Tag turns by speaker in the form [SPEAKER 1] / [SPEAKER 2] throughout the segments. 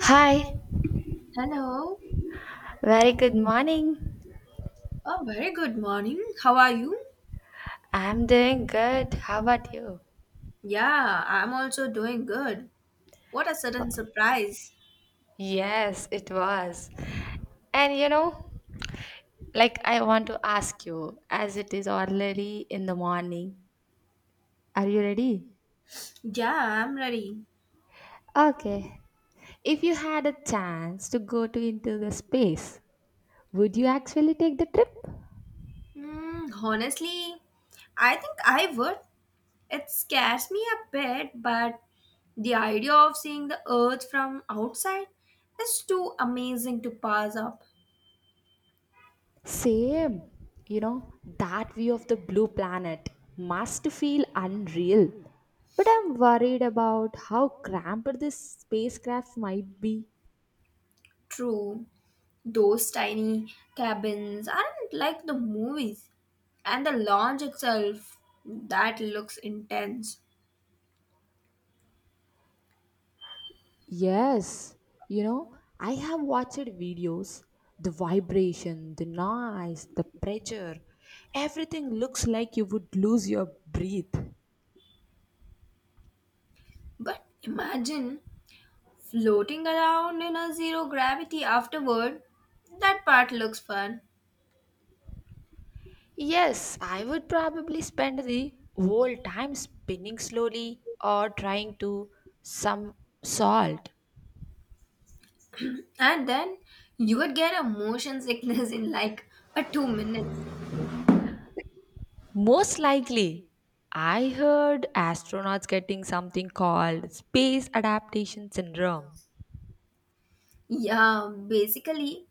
[SPEAKER 1] Hi,
[SPEAKER 2] Hello.
[SPEAKER 1] very good morning.
[SPEAKER 2] Oh, very good morning. How are you?
[SPEAKER 1] I'm doing good. How about you?
[SPEAKER 2] Yeah, I'm also doing good. What a sudden surprise.
[SPEAKER 1] Yes, it was. And you know, like I want to ask you, as it is already in the morning, are you ready?
[SPEAKER 2] Yeah, I'm ready.
[SPEAKER 1] Okay. If you had a chance to go to into the space, would you actually take the trip?
[SPEAKER 2] Hmm, honestly, I think I would. It scares me a bit, but the idea of seeing the earth from outside is too amazing to pass up.
[SPEAKER 1] Same, you know, that view of the blue planet must feel unreal. But I'm worried about how cramped this spacecraft might be.
[SPEAKER 2] True, those tiny cabins aren't like the movies, and the lounge itself, that looks intense.
[SPEAKER 1] Yes, I have watched videos. The vibration, the noise, the pressure, everything looks like you would lose your breath.
[SPEAKER 2] But imagine floating around in a zero gravity afterward. That part looks fun.
[SPEAKER 1] Yes, I would probably spend the whole time spinning slowly or trying to some salt.
[SPEAKER 2] And then you would get a motion sickness in like a 2 minutes.
[SPEAKER 1] Most likely, I heard astronauts getting something called space adaptation syndrome.
[SPEAKER 2] Yeah, basically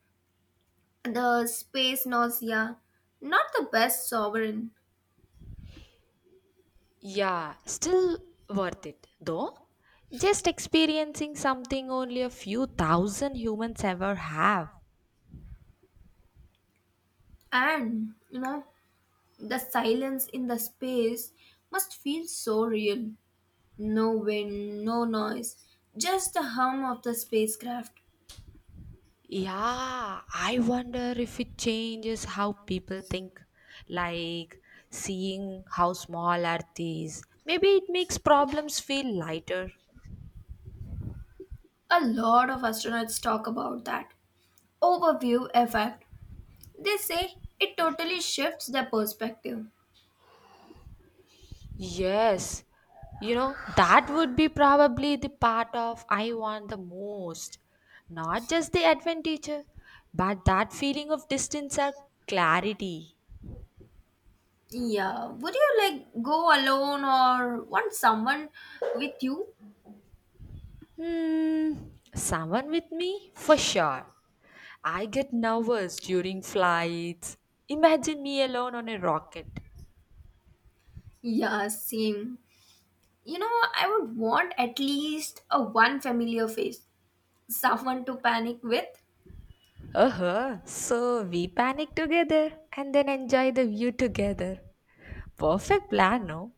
[SPEAKER 2] the space nausea. Not the best sovereign.
[SPEAKER 1] Yeah, still worth it though. Just experiencing something only a few 1,000 humans ever have.
[SPEAKER 2] And the silence in the space must feel so real. No wind, no noise, just the hum of the spacecraft.
[SPEAKER 1] Yeah, I wonder if it changes how people think. Like seeing how small Earth is. Maybe it makes problems feel lighter.
[SPEAKER 2] A lot of astronauts talk about that overview effect, they say. It totally shifts the perspective.
[SPEAKER 1] Yes, that would be probably the part of I want the most. Not just the advantage, but that feeling of distance or clarity.
[SPEAKER 2] Yeah, would you like go alone or want someone with you?
[SPEAKER 1] Hmm, someone with me? For sure. I get nervous during flights. Imagine me alone on a rocket.
[SPEAKER 2] Yeah, same. I would want at least a one familiar face, someone to panic with.
[SPEAKER 1] Uh-huh. So we panic together and then enjoy the view together. Perfect plan, no?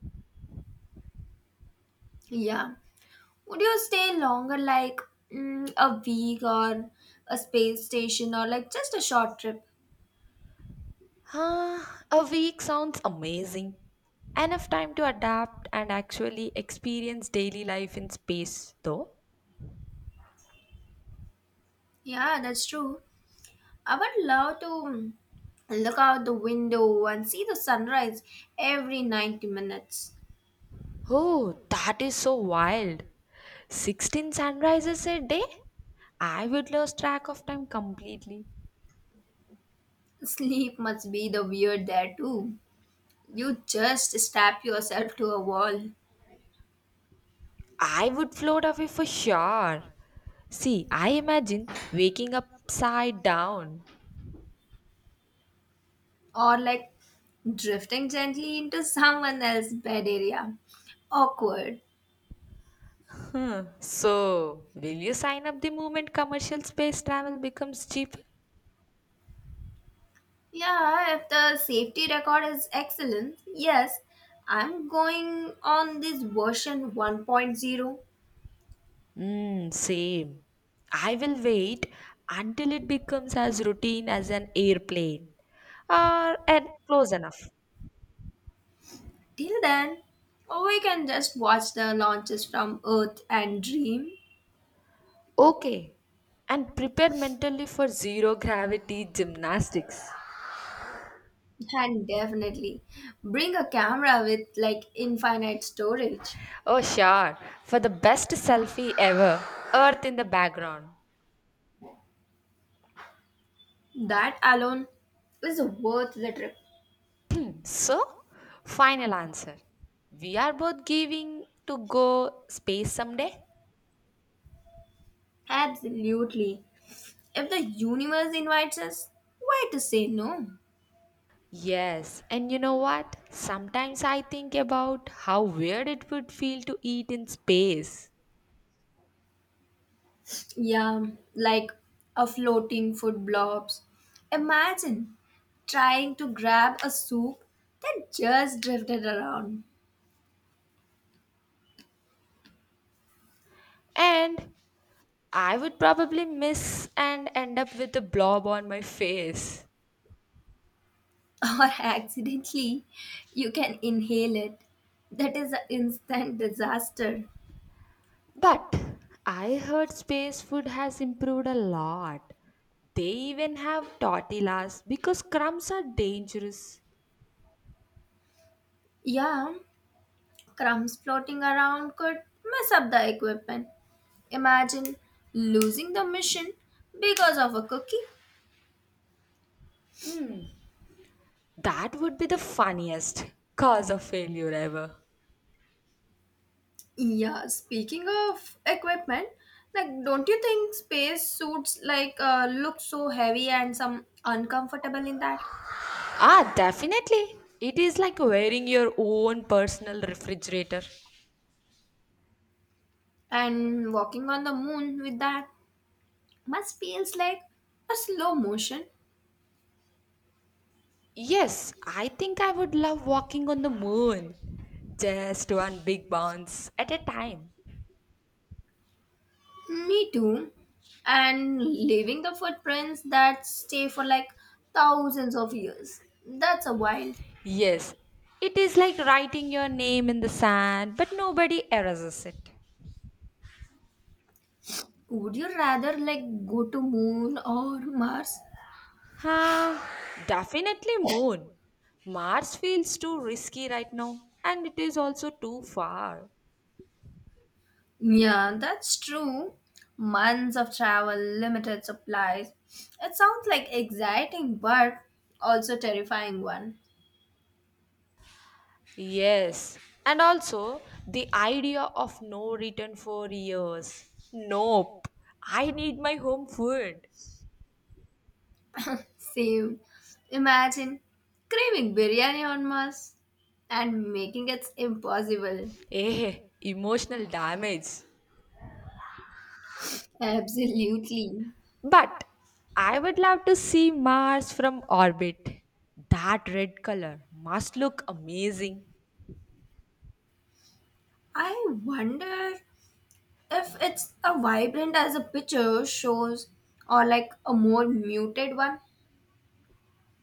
[SPEAKER 2] Yeah, would you stay longer, like a week or a space station, or like just a short trip?
[SPEAKER 1] Uh, a week sounds amazing. Enough time to adapt and actually experience daily life in space, though.
[SPEAKER 2] Yeah, that's true. I would love to look out the window and see the sunrise every 90 minutes.
[SPEAKER 1] Oh, that is so wild. 16 sunrises a day? I would lose track of time completely.
[SPEAKER 2] Sleep must be the weird there too. You just strap yourself to a wall
[SPEAKER 1] I would float away for sure. See, I imagine waking upside down.
[SPEAKER 2] or like drifting gently into someone else's bed area. Awkward.
[SPEAKER 1] So, will you sign up the moment commercial space travel becomes cheap?
[SPEAKER 2] Yeah, if the safety record is excellent, yes, I'm going on this version one point zero.
[SPEAKER 1] Mm, same. I will wait until it becomes as routine as an airplane or and close enough.
[SPEAKER 2] Till then, we can just watch the launches from Earth and dream.
[SPEAKER 1] Okay. And prepare mentally for zero gravity gymnastics.
[SPEAKER 2] And definitely bring a camera with like infinite storage.
[SPEAKER 1] Oh, sure. For the best selfie ever, Earth in the background.
[SPEAKER 2] That alone is worth the trip.
[SPEAKER 1] So, final answer. We are both giving to go space someday.
[SPEAKER 2] Absolutely. If the universe invites us, why to say no?
[SPEAKER 1] Yes, and you know what? Sometimes I think about how weird it would feel to eat in space.
[SPEAKER 2] Yeah, like a floating food blobs. Imagine trying to grab a soup that just drifted around.
[SPEAKER 1] And I would probably miss and end up with a blob on my face.
[SPEAKER 2] Or accidentally you can inhale it. That is an instant disaster.
[SPEAKER 1] But I heard space food has improved a lot. They even have tortillas because crumbs are dangerous.
[SPEAKER 2] Yeah, crumbs floating around could mess up the equipment. Imagine losing the mission because of a cookie.
[SPEAKER 1] That would be the funniest cause of failure ever.
[SPEAKER 2] Yeah, speaking of equipment, like don't you think space suits like look so heavy and some uncomfortable in that?
[SPEAKER 1] Ah, definitely. It is like wearing your own personal refrigerator.
[SPEAKER 2] And walking on the moon with that must feels like a slow motion.
[SPEAKER 1] Yes, I think I would love walking on the moon. Just one big bounce at a time.
[SPEAKER 2] Me too. And leaving the footprints that stay for like thousands of years. That's a wild.
[SPEAKER 1] Yes, it is like writing your name in the sand, but nobody erases it.
[SPEAKER 2] Would you rather like go to moon or Mars?
[SPEAKER 1] Ah, definitely moon. Mars feels too risky right now, and it is also too far.
[SPEAKER 2] Yeah, that's true. Months of travel, limited supplies. It sounds like exciting but also terrifying one.
[SPEAKER 1] Yes, and also the idea of no return for years. Nope, I need my home food.
[SPEAKER 2] Same. Imagine craving biryani on Mars and making it impossible.
[SPEAKER 1] Eh, emotional damage.
[SPEAKER 2] Absolutely.
[SPEAKER 1] But I would love to see Mars from orbit. That red color must look amazing.
[SPEAKER 2] I wonder if it's a vibrant as a picture shows or like a more muted one.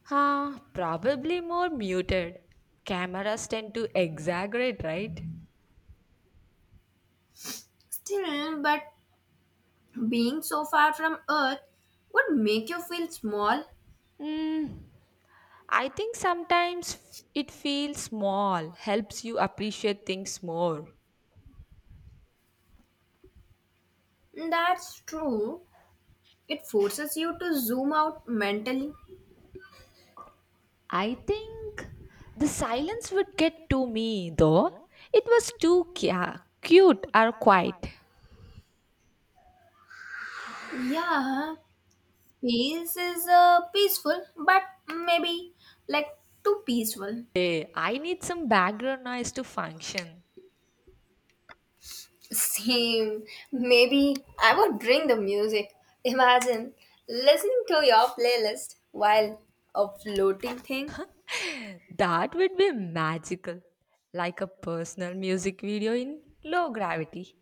[SPEAKER 1] Ah, probably more muted. Cameras tend to exaggerate, right?
[SPEAKER 2] Still, but being so far from Earth would make you feel small.
[SPEAKER 1] Hmm. I think sometimes it feels small, helps you appreciate things more.
[SPEAKER 2] That's true. It forces you to zoom out mentally.
[SPEAKER 1] I think the silence would get to me though. It was too cute or quiet.
[SPEAKER 2] Yeah, space is peaceful, but maybe like too peaceful.
[SPEAKER 1] Hey, I need some background noise to function.
[SPEAKER 2] Same. Maybe I would bring the music. Imagine listening to your playlist while a floating thing.
[SPEAKER 1] That would be magical, like a personal music video in low gravity.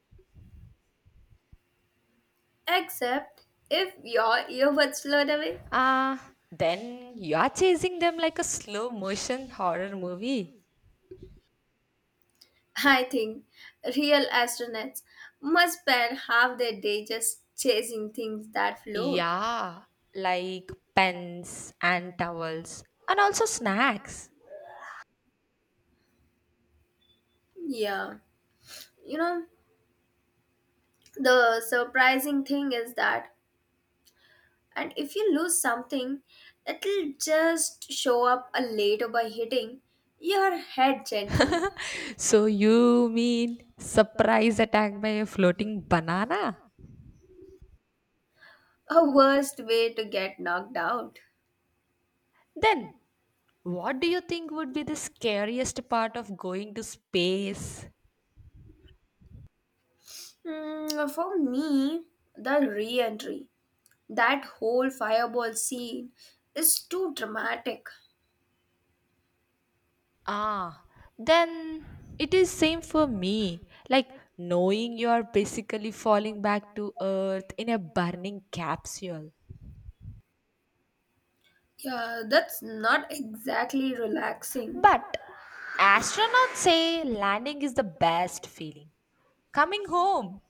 [SPEAKER 2] Except if your earbuds float away.
[SPEAKER 1] Ah, then you are chasing them like a slow motion horror movie.
[SPEAKER 2] I think real astronauts must spend half their day just chasing things that float.
[SPEAKER 1] Yeah, like pens and towels and also snacks.
[SPEAKER 2] Yeah. You know, the surprising thing is that, and if you lose something, it'll just show up a later by hitting your head gently.
[SPEAKER 1] So you mean surprise attack by a floating banana?
[SPEAKER 2] A worst way to get knocked out.
[SPEAKER 1] Then what do you think would be the scariest part of going to space?
[SPEAKER 2] Hmm, for me, the re entry, that whole fireball scene is too dramatic.
[SPEAKER 1] Ah, then it is same for me. Like knowing you are basically falling back to earth in a burning capsule.
[SPEAKER 2] Yeah, that's not exactly relaxing.
[SPEAKER 1] But astronauts say landing is the best feeling. Coming home.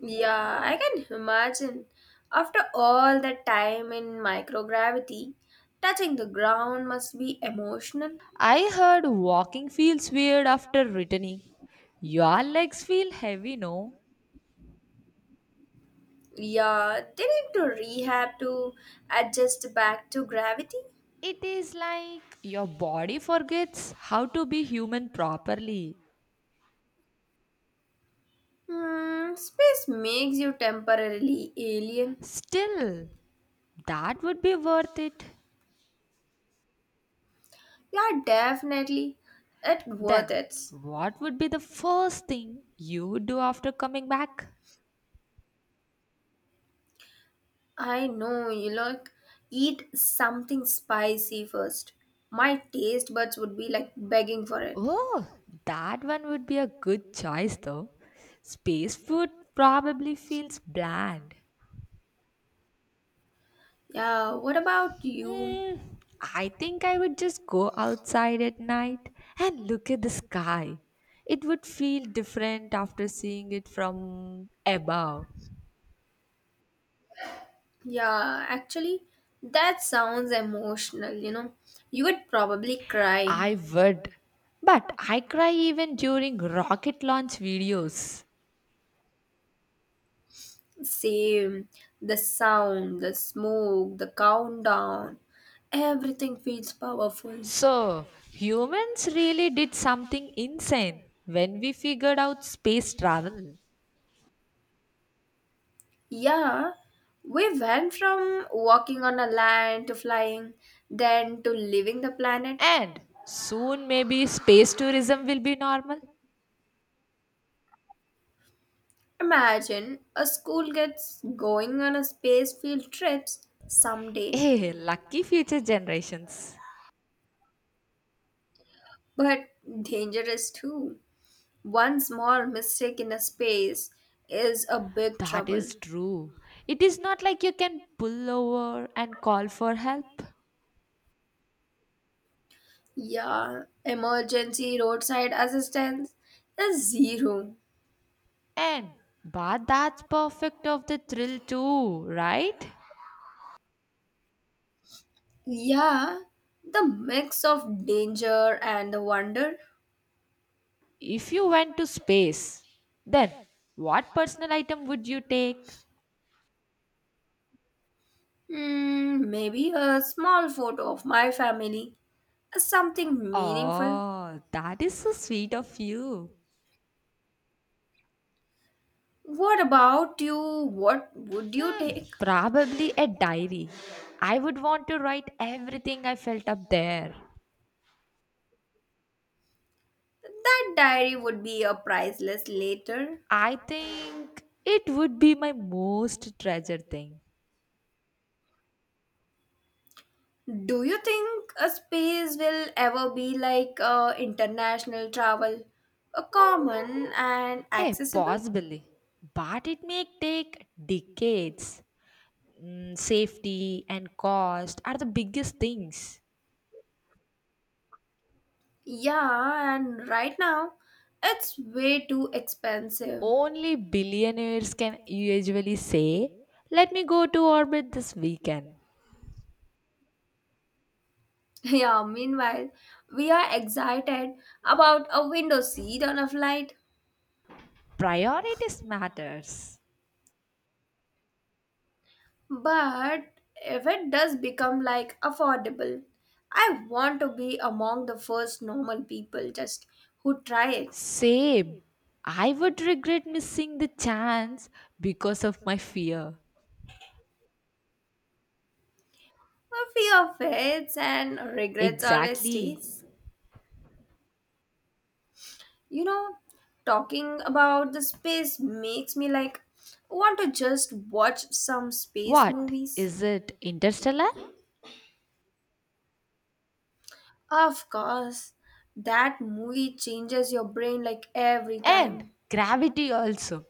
[SPEAKER 2] Yeah, I can imagine. After all that time in microgravity, touching the ground must be emotional.
[SPEAKER 1] I heard walking feels weird after returning. Your legs feel heavy, no?
[SPEAKER 2] Yeah, they need to rehab to adjust back to gravity.
[SPEAKER 1] It is like your body forgets how to be human properly.
[SPEAKER 2] Hmm, space makes you temporarily alien.
[SPEAKER 1] Still, that would be worth it.
[SPEAKER 2] Yeah, definitely. It worth
[SPEAKER 1] Then,
[SPEAKER 2] it.
[SPEAKER 1] what would be the first thing you would do after coming back?
[SPEAKER 2] I know you like eat something spicy first. My taste buds would be like begging for it.
[SPEAKER 1] Oh, that one would be a good choice though. Space food probably feels bland.
[SPEAKER 2] Yeah, what about you?
[SPEAKER 1] Mm, I think I would just go outside at night and look at the sky. It would feel different after seeing it from above.
[SPEAKER 2] Yeah, actually, that sounds emotional, you know. You would probably cry.
[SPEAKER 1] I would. But I cry even during rocket launch videos.
[SPEAKER 2] Same. The sound, the smoke, the countdown, everything feels powerful.
[SPEAKER 1] So, humans really did something insane when we figured out space travel.
[SPEAKER 2] Yeah, we went from walking on a land to flying, then to leaving the planet.
[SPEAKER 1] And soon, maybe space tourism will be normal.
[SPEAKER 2] Imagine a school gets going on a space field trips someday,
[SPEAKER 1] Hey, lucky future generations.
[SPEAKER 2] but dangerous too. One small mistake in a space is a big
[SPEAKER 1] That
[SPEAKER 2] trouble.
[SPEAKER 1] is true. It is not like you can pull over and call for help.
[SPEAKER 2] Yeah, emergency roadside assistance is zero.
[SPEAKER 1] And but that's perfect of the thrill too, right?
[SPEAKER 2] Yeah, the mix of danger and the wonder.
[SPEAKER 1] If you went to space, then what personal item would you take?
[SPEAKER 2] Hmm, maybe a small photo of my family, as something meaningful.
[SPEAKER 1] Oh, that is so sweet of you.
[SPEAKER 2] What about you? What would you take?
[SPEAKER 1] Probably a diary. I would want to write everything I felt up there.
[SPEAKER 2] That diary would be a priceless later.
[SPEAKER 1] I think it would be my most treasured thing.
[SPEAKER 2] Do you think a space will ever be like international travel, a common and
[SPEAKER 1] Hey,
[SPEAKER 2] accessible?
[SPEAKER 1] possibly. But it may take decades. Mm, safety and cost are the biggest things.
[SPEAKER 2] Yeah, and right now it's way too expensive.
[SPEAKER 1] Only billionaires can usually say, let me go to orbit this weekend.
[SPEAKER 2] Yeah, meanwhile, we are excited about a window seat on a flight.
[SPEAKER 1] Priorities matters.
[SPEAKER 2] But if it does become like affordable, I want to be among the first normal people just who try it.
[SPEAKER 1] Same. I would regret missing the chance because of my fear.
[SPEAKER 2] A fear fades and regrets always
[SPEAKER 1] Exactly.
[SPEAKER 2] stays. You know, talking about the space makes me like want to just watch some space
[SPEAKER 1] What?
[SPEAKER 2] movies.
[SPEAKER 1] Is it Interstellar?
[SPEAKER 2] Of course, that movie changes your brain like every
[SPEAKER 1] And
[SPEAKER 2] time.
[SPEAKER 1] Gravity also.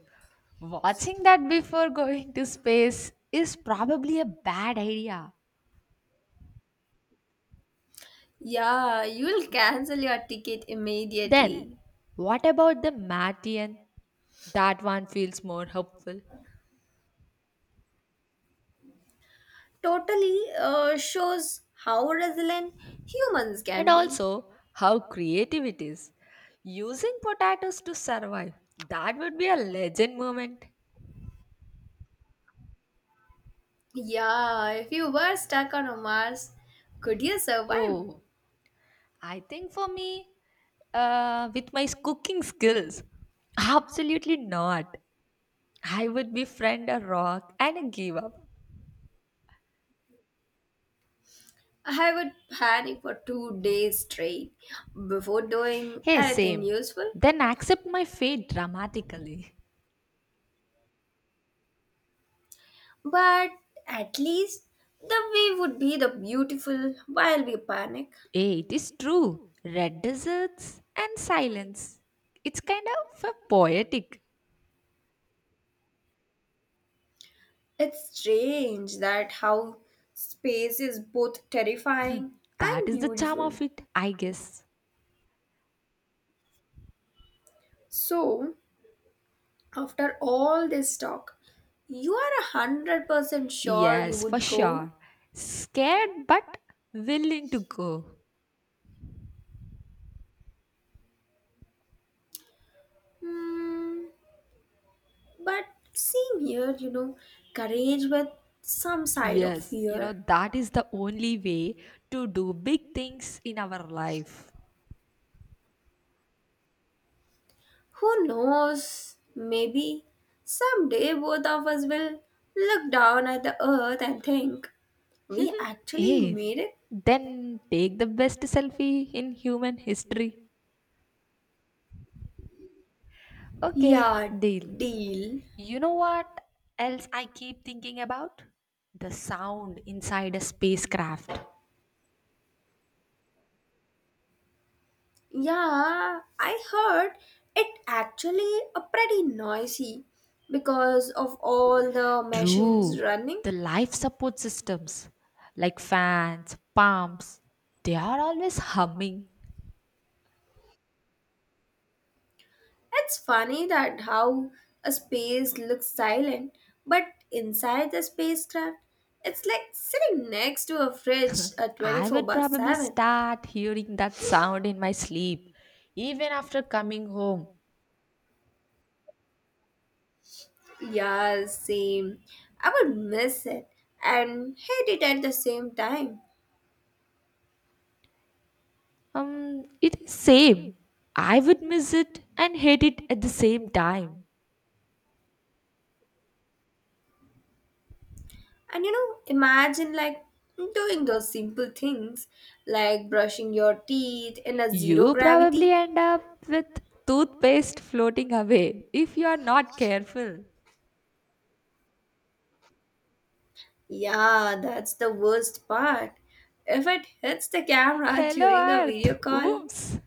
[SPEAKER 1] Watching that before going to space is probably a bad idea.
[SPEAKER 2] Yeah, you'll cancel your ticket
[SPEAKER 1] Then,
[SPEAKER 2] immediately.
[SPEAKER 1] what about the Martian? That one feels more hopeful.
[SPEAKER 2] Totally shows how resilient humans
[SPEAKER 1] And
[SPEAKER 2] can be.
[SPEAKER 1] also, how creative it is. Using potatoes to survive. That would be a legend moment.
[SPEAKER 2] Yeah, if you were stuck on a Mars, could you survive?
[SPEAKER 1] Oh, I think for me, with my cooking skills, absolutely not. I would befriend a rock and give up.
[SPEAKER 2] I would panic for 2 days straight before doing
[SPEAKER 1] Hey,
[SPEAKER 2] anything
[SPEAKER 1] same.
[SPEAKER 2] useful.
[SPEAKER 1] Then accept my fate dramatically.
[SPEAKER 2] But at least the wave would be the beautiful while we panic.
[SPEAKER 1] Hey, it is true. Red deserts and silence. It's kind of a poetic.
[SPEAKER 2] It's strange that how space is both
[SPEAKER 1] Hmm,
[SPEAKER 2] terrifying
[SPEAKER 1] that
[SPEAKER 2] and
[SPEAKER 1] is the charm
[SPEAKER 2] beautiful.
[SPEAKER 1] of it, I guess.
[SPEAKER 2] So, after all this talk, you are 100% sure you
[SPEAKER 1] Yes, for
[SPEAKER 2] would
[SPEAKER 1] sure.
[SPEAKER 2] go.
[SPEAKER 1] Scared but willing to go.
[SPEAKER 2] Hmm, but same here, courage with some side of
[SPEAKER 1] Yes,
[SPEAKER 2] fear.
[SPEAKER 1] that is the only way to do big things in our life.
[SPEAKER 2] Who knows? Maybe someday both of us will look down at the earth and think, we actually
[SPEAKER 1] Hey,
[SPEAKER 2] made it?
[SPEAKER 1] then take the best selfie in human history. Okay,
[SPEAKER 2] Yeah,
[SPEAKER 1] deal.
[SPEAKER 2] deal.
[SPEAKER 1] You know what else I keep thinking about? The sound inside a spacecraft.
[SPEAKER 2] Yeah, I heard it actually a pretty noisy because of all the machines
[SPEAKER 1] True.
[SPEAKER 2] running.
[SPEAKER 1] The life support systems like fans, pumps, they are always humming.
[SPEAKER 2] It's funny that how a space looks silent, but inside the spacecraft, it's like sitting next to a fridge at
[SPEAKER 1] I
[SPEAKER 2] 24
[SPEAKER 1] would
[SPEAKER 2] by
[SPEAKER 1] probably
[SPEAKER 2] 7.
[SPEAKER 1] start hearing that sound in my sleep, even after coming home.
[SPEAKER 2] Yeah, same. I would miss it and hate it at the same time.
[SPEAKER 1] It is same. I would miss it and hate it at the same time.
[SPEAKER 2] And imagine like doing those simple things like brushing your teeth in a zero
[SPEAKER 1] You probably
[SPEAKER 2] gravity.
[SPEAKER 1] end up with toothpaste floating away if you are not careful.
[SPEAKER 2] Yeah, that's the worst part. If it hits the camera
[SPEAKER 1] Hello
[SPEAKER 2] during a
[SPEAKER 1] Earth.
[SPEAKER 2] video call,
[SPEAKER 1] Oops.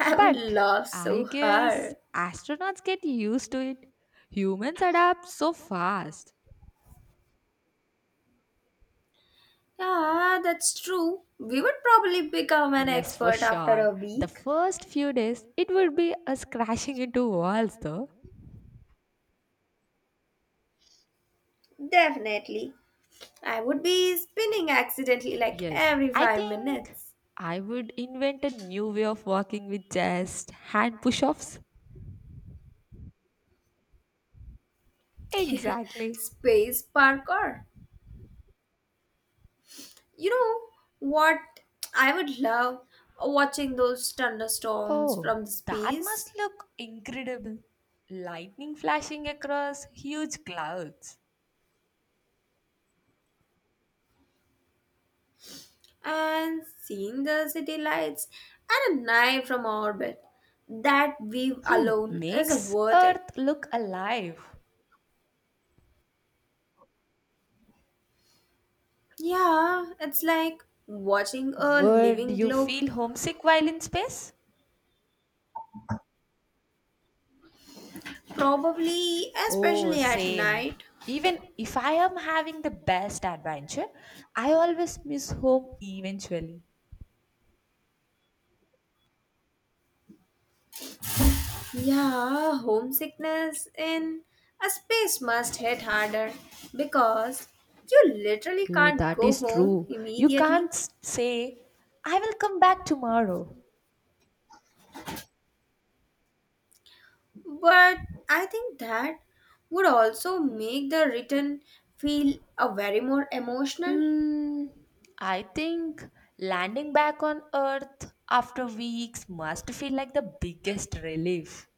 [SPEAKER 2] I would
[SPEAKER 1] But
[SPEAKER 2] laugh
[SPEAKER 1] I
[SPEAKER 2] so
[SPEAKER 1] guess
[SPEAKER 2] hard.
[SPEAKER 1] astronauts get used to it. Humans adapt so fast.
[SPEAKER 2] Yeah, that's true. We would probably become an
[SPEAKER 1] Yes, for
[SPEAKER 2] expert after
[SPEAKER 1] sure.
[SPEAKER 2] a
[SPEAKER 1] The
[SPEAKER 2] week.
[SPEAKER 1] first few days, it would be us crashing into walls, though.
[SPEAKER 2] Definitely. I would be spinning accidentally like
[SPEAKER 1] Yes,
[SPEAKER 2] every
[SPEAKER 1] I
[SPEAKER 2] five
[SPEAKER 1] think
[SPEAKER 2] minutes.
[SPEAKER 1] I would invent a new way of walking with just hand push offs. Exactly.
[SPEAKER 2] Space parkour. You know what? I would love watching those thunderstorms
[SPEAKER 1] Oh,
[SPEAKER 2] from the
[SPEAKER 1] that must
[SPEAKER 2] space
[SPEAKER 1] look incredible. Lightning flashing across huge clouds
[SPEAKER 2] and seeing the city lights and a night from orbit. That view alone is
[SPEAKER 1] makes
[SPEAKER 2] worth it.
[SPEAKER 1] Earth look alive.
[SPEAKER 2] Yeah, it's like watching a
[SPEAKER 1] Would
[SPEAKER 2] living
[SPEAKER 1] you
[SPEAKER 2] globe.
[SPEAKER 1] feel homesick while in space?
[SPEAKER 2] Probably,
[SPEAKER 1] Oh,
[SPEAKER 2] especially at
[SPEAKER 1] same.
[SPEAKER 2] night.
[SPEAKER 1] Even if I am having the best adventure, I always miss home eventually.
[SPEAKER 2] Yeah, homesickness in a space must hit harder because you literally
[SPEAKER 1] Eh,
[SPEAKER 2] can't
[SPEAKER 1] that
[SPEAKER 2] go
[SPEAKER 1] is
[SPEAKER 2] home
[SPEAKER 1] true. You can't
[SPEAKER 2] immediately.
[SPEAKER 1] say, I will come back tomorrow.
[SPEAKER 2] But I think that would also make the return feel a very more emotional.
[SPEAKER 1] Mm, I think landing back on Earth after weeks must feel like the biggest relief.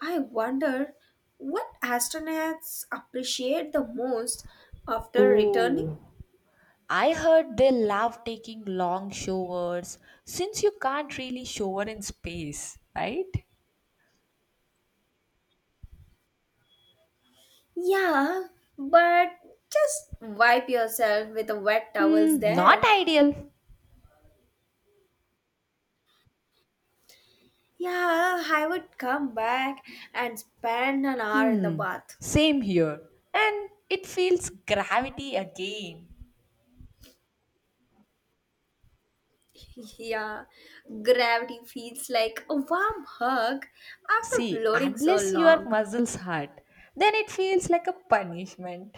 [SPEAKER 2] I wonder what astronauts appreciate the most after returning.
[SPEAKER 1] Oh, I heard they love taking long showers since you can't really shower in space, right?
[SPEAKER 2] Yeah, but just wipe yourself with the wet towels
[SPEAKER 1] Hmm, not
[SPEAKER 2] there.
[SPEAKER 1] ideal.
[SPEAKER 2] Yeah, I would come back and spend an hour in the bath.
[SPEAKER 1] Same here. And it feels gravity again.
[SPEAKER 2] Yeah, gravity feels like a warm hug after
[SPEAKER 1] See,
[SPEAKER 2] floating so
[SPEAKER 1] unless your
[SPEAKER 2] long.
[SPEAKER 1] muscles hurt, then it feels like a punishment.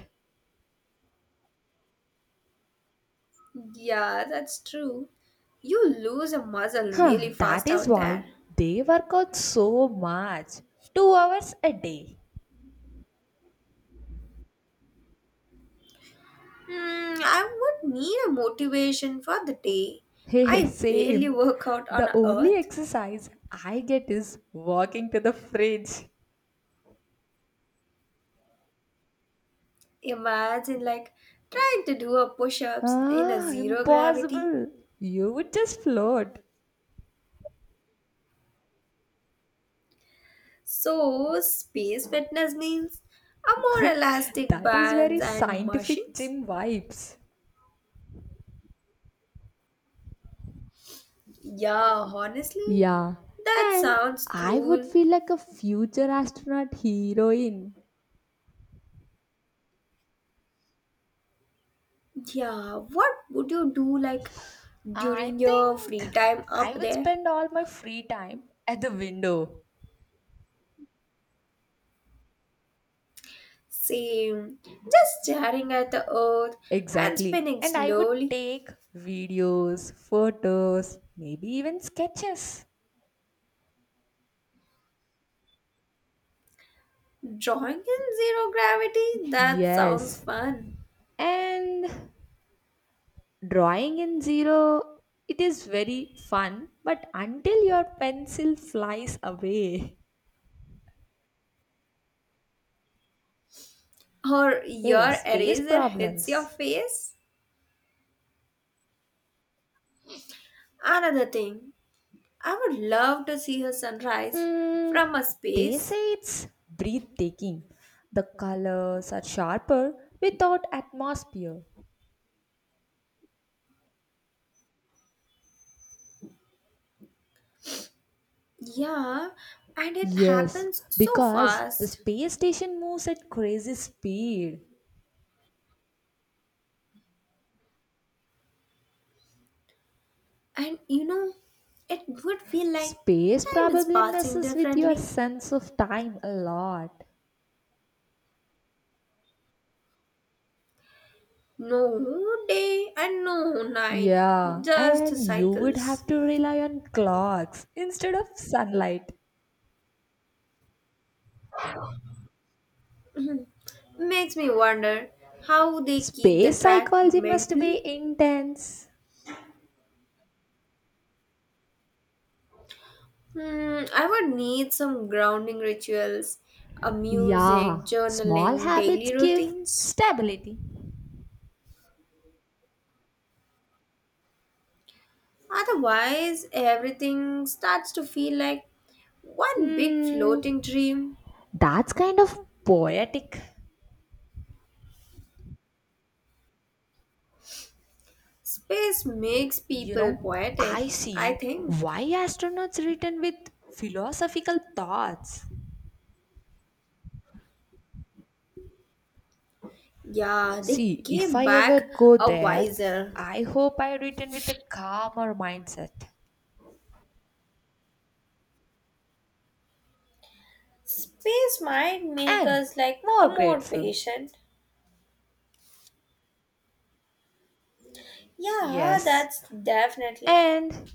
[SPEAKER 2] Yeah, that's true. You lose a muscle
[SPEAKER 1] Huh,
[SPEAKER 2] really
[SPEAKER 1] that
[SPEAKER 2] fast
[SPEAKER 1] is
[SPEAKER 2] out
[SPEAKER 1] why
[SPEAKER 2] there.
[SPEAKER 1] they work out so much. 2 hours a day.
[SPEAKER 2] Hmm, I would need a motivation for the day.
[SPEAKER 1] Hey,
[SPEAKER 2] I barely
[SPEAKER 1] same.
[SPEAKER 2] work out on
[SPEAKER 1] The only
[SPEAKER 2] earth.
[SPEAKER 1] exercise I get is walking to the fridge.
[SPEAKER 2] Imagine like trying to do a push-ups in a
[SPEAKER 1] Ah,
[SPEAKER 2] zero gravity.
[SPEAKER 1] impossible. You would just float.
[SPEAKER 2] So space fitness means a more elastic
[SPEAKER 1] That is
[SPEAKER 2] bands
[SPEAKER 1] very
[SPEAKER 2] and
[SPEAKER 1] scientific
[SPEAKER 2] machines.
[SPEAKER 1] gym vibes.
[SPEAKER 2] Yeah, honestly,
[SPEAKER 1] Yeah,
[SPEAKER 2] that
[SPEAKER 1] and
[SPEAKER 2] sounds
[SPEAKER 1] I would
[SPEAKER 2] cool.
[SPEAKER 1] feel like a future astronaut heroine.
[SPEAKER 2] Yeah, what would you do like
[SPEAKER 1] I
[SPEAKER 2] during your free
[SPEAKER 1] think
[SPEAKER 2] time
[SPEAKER 1] I
[SPEAKER 2] up
[SPEAKER 1] would
[SPEAKER 2] there?
[SPEAKER 1] spend all my free time at the window.
[SPEAKER 2] Same, just staring at the earth and
[SPEAKER 1] Exactly.
[SPEAKER 2] spinning
[SPEAKER 1] And I would
[SPEAKER 2] slowly.
[SPEAKER 1] take videos, photos, maybe even sketches.
[SPEAKER 2] Drawing in zero gravity? That sounds
[SPEAKER 1] Yes.
[SPEAKER 2] fun.
[SPEAKER 1] And drawing in zero, it is very fun, but until your pencil flies away,
[SPEAKER 2] Or
[SPEAKER 1] hey,
[SPEAKER 2] your
[SPEAKER 1] space
[SPEAKER 2] eraser hits your
[SPEAKER 1] problems.
[SPEAKER 2] face? Another thing, I would love to see a sunrise from
[SPEAKER 1] Mm,
[SPEAKER 2] a
[SPEAKER 1] they
[SPEAKER 2] space.
[SPEAKER 1] say it's breathtaking. The colors are sharper without atmosphere.
[SPEAKER 2] Yeah, and it
[SPEAKER 1] Yes,
[SPEAKER 2] happens so
[SPEAKER 1] because the
[SPEAKER 2] fast.
[SPEAKER 1] space station moves at crazy speed.
[SPEAKER 2] And it would feel like
[SPEAKER 1] Space
[SPEAKER 2] time is
[SPEAKER 1] probably
[SPEAKER 2] passing
[SPEAKER 1] messes with your
[SPEAKER 2] differently.
[SPEAKER 1] sense of time a lot.
[SPEAKER 2] No day and no night,
[SPEAKER 1] Yeah,
[SPEAKER 2] just
[SPEAKER 1] and you would
[SPEAKER 2] cycles.
[SPEAKER 1] have to rely on clocks instead of sunlight.
[SPEAKER 2] Makes me wonder how they keep the
[SPEAKER 1] Space
[SPEAKER 2] track
[SPEAKER 1] psychology must
[SPEAKER 2] mentally.
[SPEAKER 1] be intense.
[SPEAKER 2] Hmm, I would need some grounding rituals, a
[SPEAKER 1] Yeah,
[SPEAKER 2] music,
[SPEAKER 1] small
[SPEAKER 2] journaling,
[SPEAKER 1] habits
[SPEAKER 2] daily
[SPEAKER 1] give
[SPEAKER 2] routines.
[SPEAKER 1] stability.
[SPEAKER 2] Otherwise, everything starts to feel like one big
[SPEAKER 1] Hmm,
[SPEAKER 2] floating dream.
[SPEAKER 1] that's kind of poetic.
[SPEAKER 2] Space makes
[SPEAKER 1] You
[SPEAKER 2] people
[SPEAKER 1] know, I
[SPEAKER 2] poetic, I
[SPEAKER 1] see
[SPEAKER 2] think.
[SPEAKER 1] why astronauts written with philosophical thoughts.
[SPEAKER 2] Yeah, they
[SPEAKER 1] See, if
[SPEAKER 2] came
[SPEAKER 1] I ever
[SPEAKER 2] back
[SPEAKER 1] go
[SPEAKER 2] a
[SPEAKER 1] there,
[SPEAKER 2] wiser.
[SPEAKER 1] I hope I written with a calmer mindset
[SPEAKER 2] Space might make
[SPEAKER 1] and
[SPEAKER 2] us like
[SPEAKER 1] more
[SPEAKER 2] a more
[SPEAKER 1] grateful.
[SPEAKER 2] patient. Yeah,
[SPEAKER 1] Yes.
[SPEAKER 2] that's definitely
[SPEAKER 1] And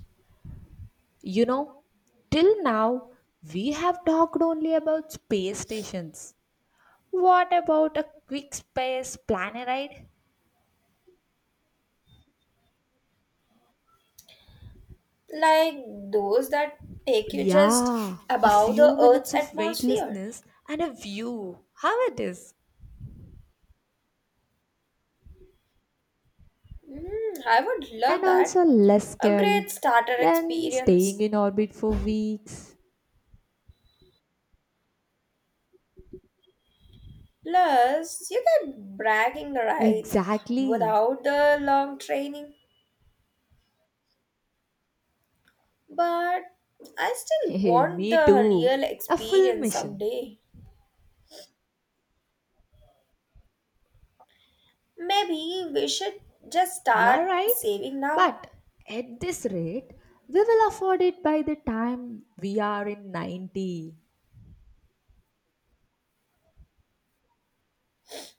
[SPEAKER 1] you know, till now we have talked only about space stations. What about a quick space planet ride?
[SPEAKER 2] like those that take you just
[SPEAKER 1] Yeah, a
[SPEAKER 2] above the
[SPEAKER 1] few
[SPEAKER 2] Earth's
[SPEAKER 1] minutes of
[SPEAKER 2] atmosphere.
[SPEAKER 1] weightlessness and a view. How it is.
[SPEAKER 2] Mm, I would
[SPEAKER 1] And
[SPEAKER 2] love that.
[SPEAKER 1] also less
[SPEAKER 2] A
[SPEAKER 1] scary
[SPEAKER 2] great starter
[SPEAKER 1] than staying
[SPEAKER 2] experience.
[SPEAKER 1] in orbit for weeks.
[SPEAKER 2] Plus, you get bragging rights
[SPEAKER 1] Exactly.
[SPEAKER 2] without the long training. But I still want
[SPEAKER 1] Me
[SPEAKER 2] the
[SPEAKER 1] too.
[SPEAKER 2] real
[SPEAKER 1] A full
[SPEAKER 2] experience
[SPEAKER 1] mission.
[SPEAKER 2] someday. Maybe we should just
[SPEAKER 1] You are
[SPEAKER 2] start
[SPEAKER 1] right.
[SPEAKER 2] saving now.
[SPEAKER 1] But at this rate, we will afford it by the time we are in 90.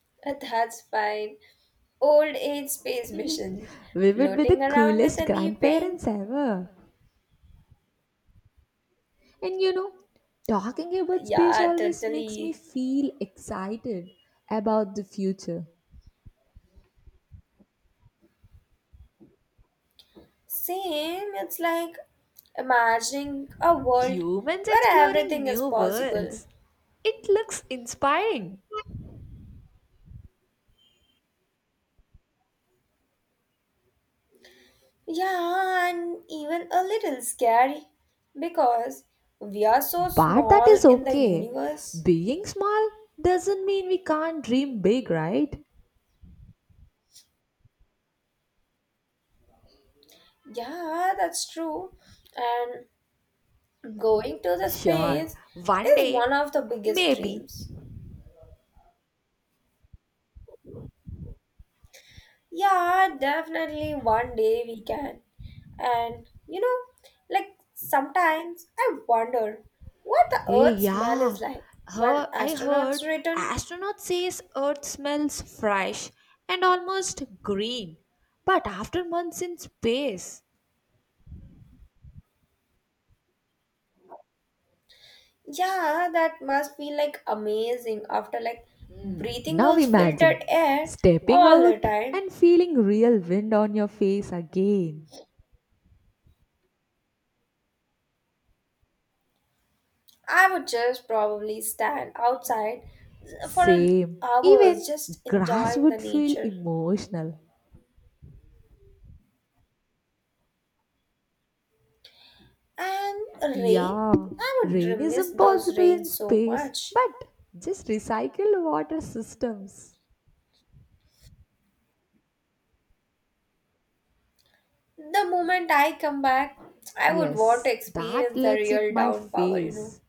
[SPEAKER 2] That's fine. Old age space mission.
[SPEAKER 1] We would be
[SPEAKER 2] Floating
[SPEAKER 1] the
[SPEAKER 2] around with
[SPEAKER 1] coolest
[SPEAKER 2] a knee pain.
[SPEAKER 1] grandparents ever. And you know, talking about space
[SPEAKER 2] Yeah,
[SPEAKER 1] always makes me
[SPEAKER 2] totally.
[SPEAKER 1] feel excited about the future.
[SPEAKER 2] Same, it's like imagining a world
[SPEAKER 1] Humans
[SPEAKER 2] where
[SPEAKER 1] exploring
[SPEAKER 2] everything is
[SPEAKER 1] new
[SPEAKER 2] possible.
[SPEAKER 1] worlds. It looks inspiring.
[SPEAKER 2] Yeah, and even a little scary because we are so
[SPEAKER 1] But that
[SPEAKER 2] small
[SPEAKER 1] is
[SPEAKER 2] in the
[SPEAKER 1] okay.
[SPEAKER 2] universe.
[SPEAKER 1] Being small doesn't mean we can't dream big, right?
[SPEAKER 2] Yeah, that's true. And going to the
[SPEAKER 1] Sure,
[SPEAKER 2] space
[SPEAKER 1] one
[SPEAKER 2] is one of
[SPEAKER 1] day,
[SPEAKER 2] the biggest
[SPEAKER 1] maybe.
[SPEAKER 2] dreams. Yeah, definitely one day we can. And like sometimes I wonder what the
[SPEAKER 1] Eh,
[SPEAKER 2] Earth smell
[SPEAKER 1] yeah.
[SPEAKER 2] is like when
[SPEAKER 1] Her, I heard
[SPEAKER 2] astronauts return.
[SPEAKER 1] astronauts says Earth smells fresh and almost green, but after months in space.
[SPEAKER 2] Yeah, that must be like amazing after like breathing
[SPEAKER 1] Now
[SPEAKER 2] those
[SPEAKER 1] imagine
[SPEAKER 2] filtered air
[SPEAKER 1] stepping
[SPEAKER 2] all the
[SPEAKER 1] out
[SPEAKER 2] time.
[SPEAKER 1] and feeling real wind on your face again.
[SPEAKER 2] I would just probably stand outside for
[SPEAKER 1] Same.
[SPEAKER 2] hours
[SPEAKER 1] Even
[SPEAKER 2] just
[SPEAKER 1] grass
[SPEAKER 2] enjoying the
[SPEAKER 1] would feel
[SPEAKER 2] nature.
[SPEAKER 1] emotional.
[SPEAKER 2] And rain?
[SPEAKER 1] Yeah,
[SPEAKER 2] I would
[SPEAKER 1] rain is
[SPEAKER 2] miss those
[SPEAKER 1] impossible in
[SPEAKER 2] rains so
[SPEAKER 1] space,
[SPEAKER 2] much.
[SPEAKER 1] but just recycle water systems.
[SPEAKER 2] The moment I come back, I would want
[SPEAKER 1] Yes,
[SPEAKER 2] to
[SPEAKER 1] that
[SPEAKER 2] experience the
[SPEAKER 1] lets it
[SPEAKER 2] real
[SPEAKER 1] my
[SPEAKER 2] downpour.
[SPEAKER 1] face.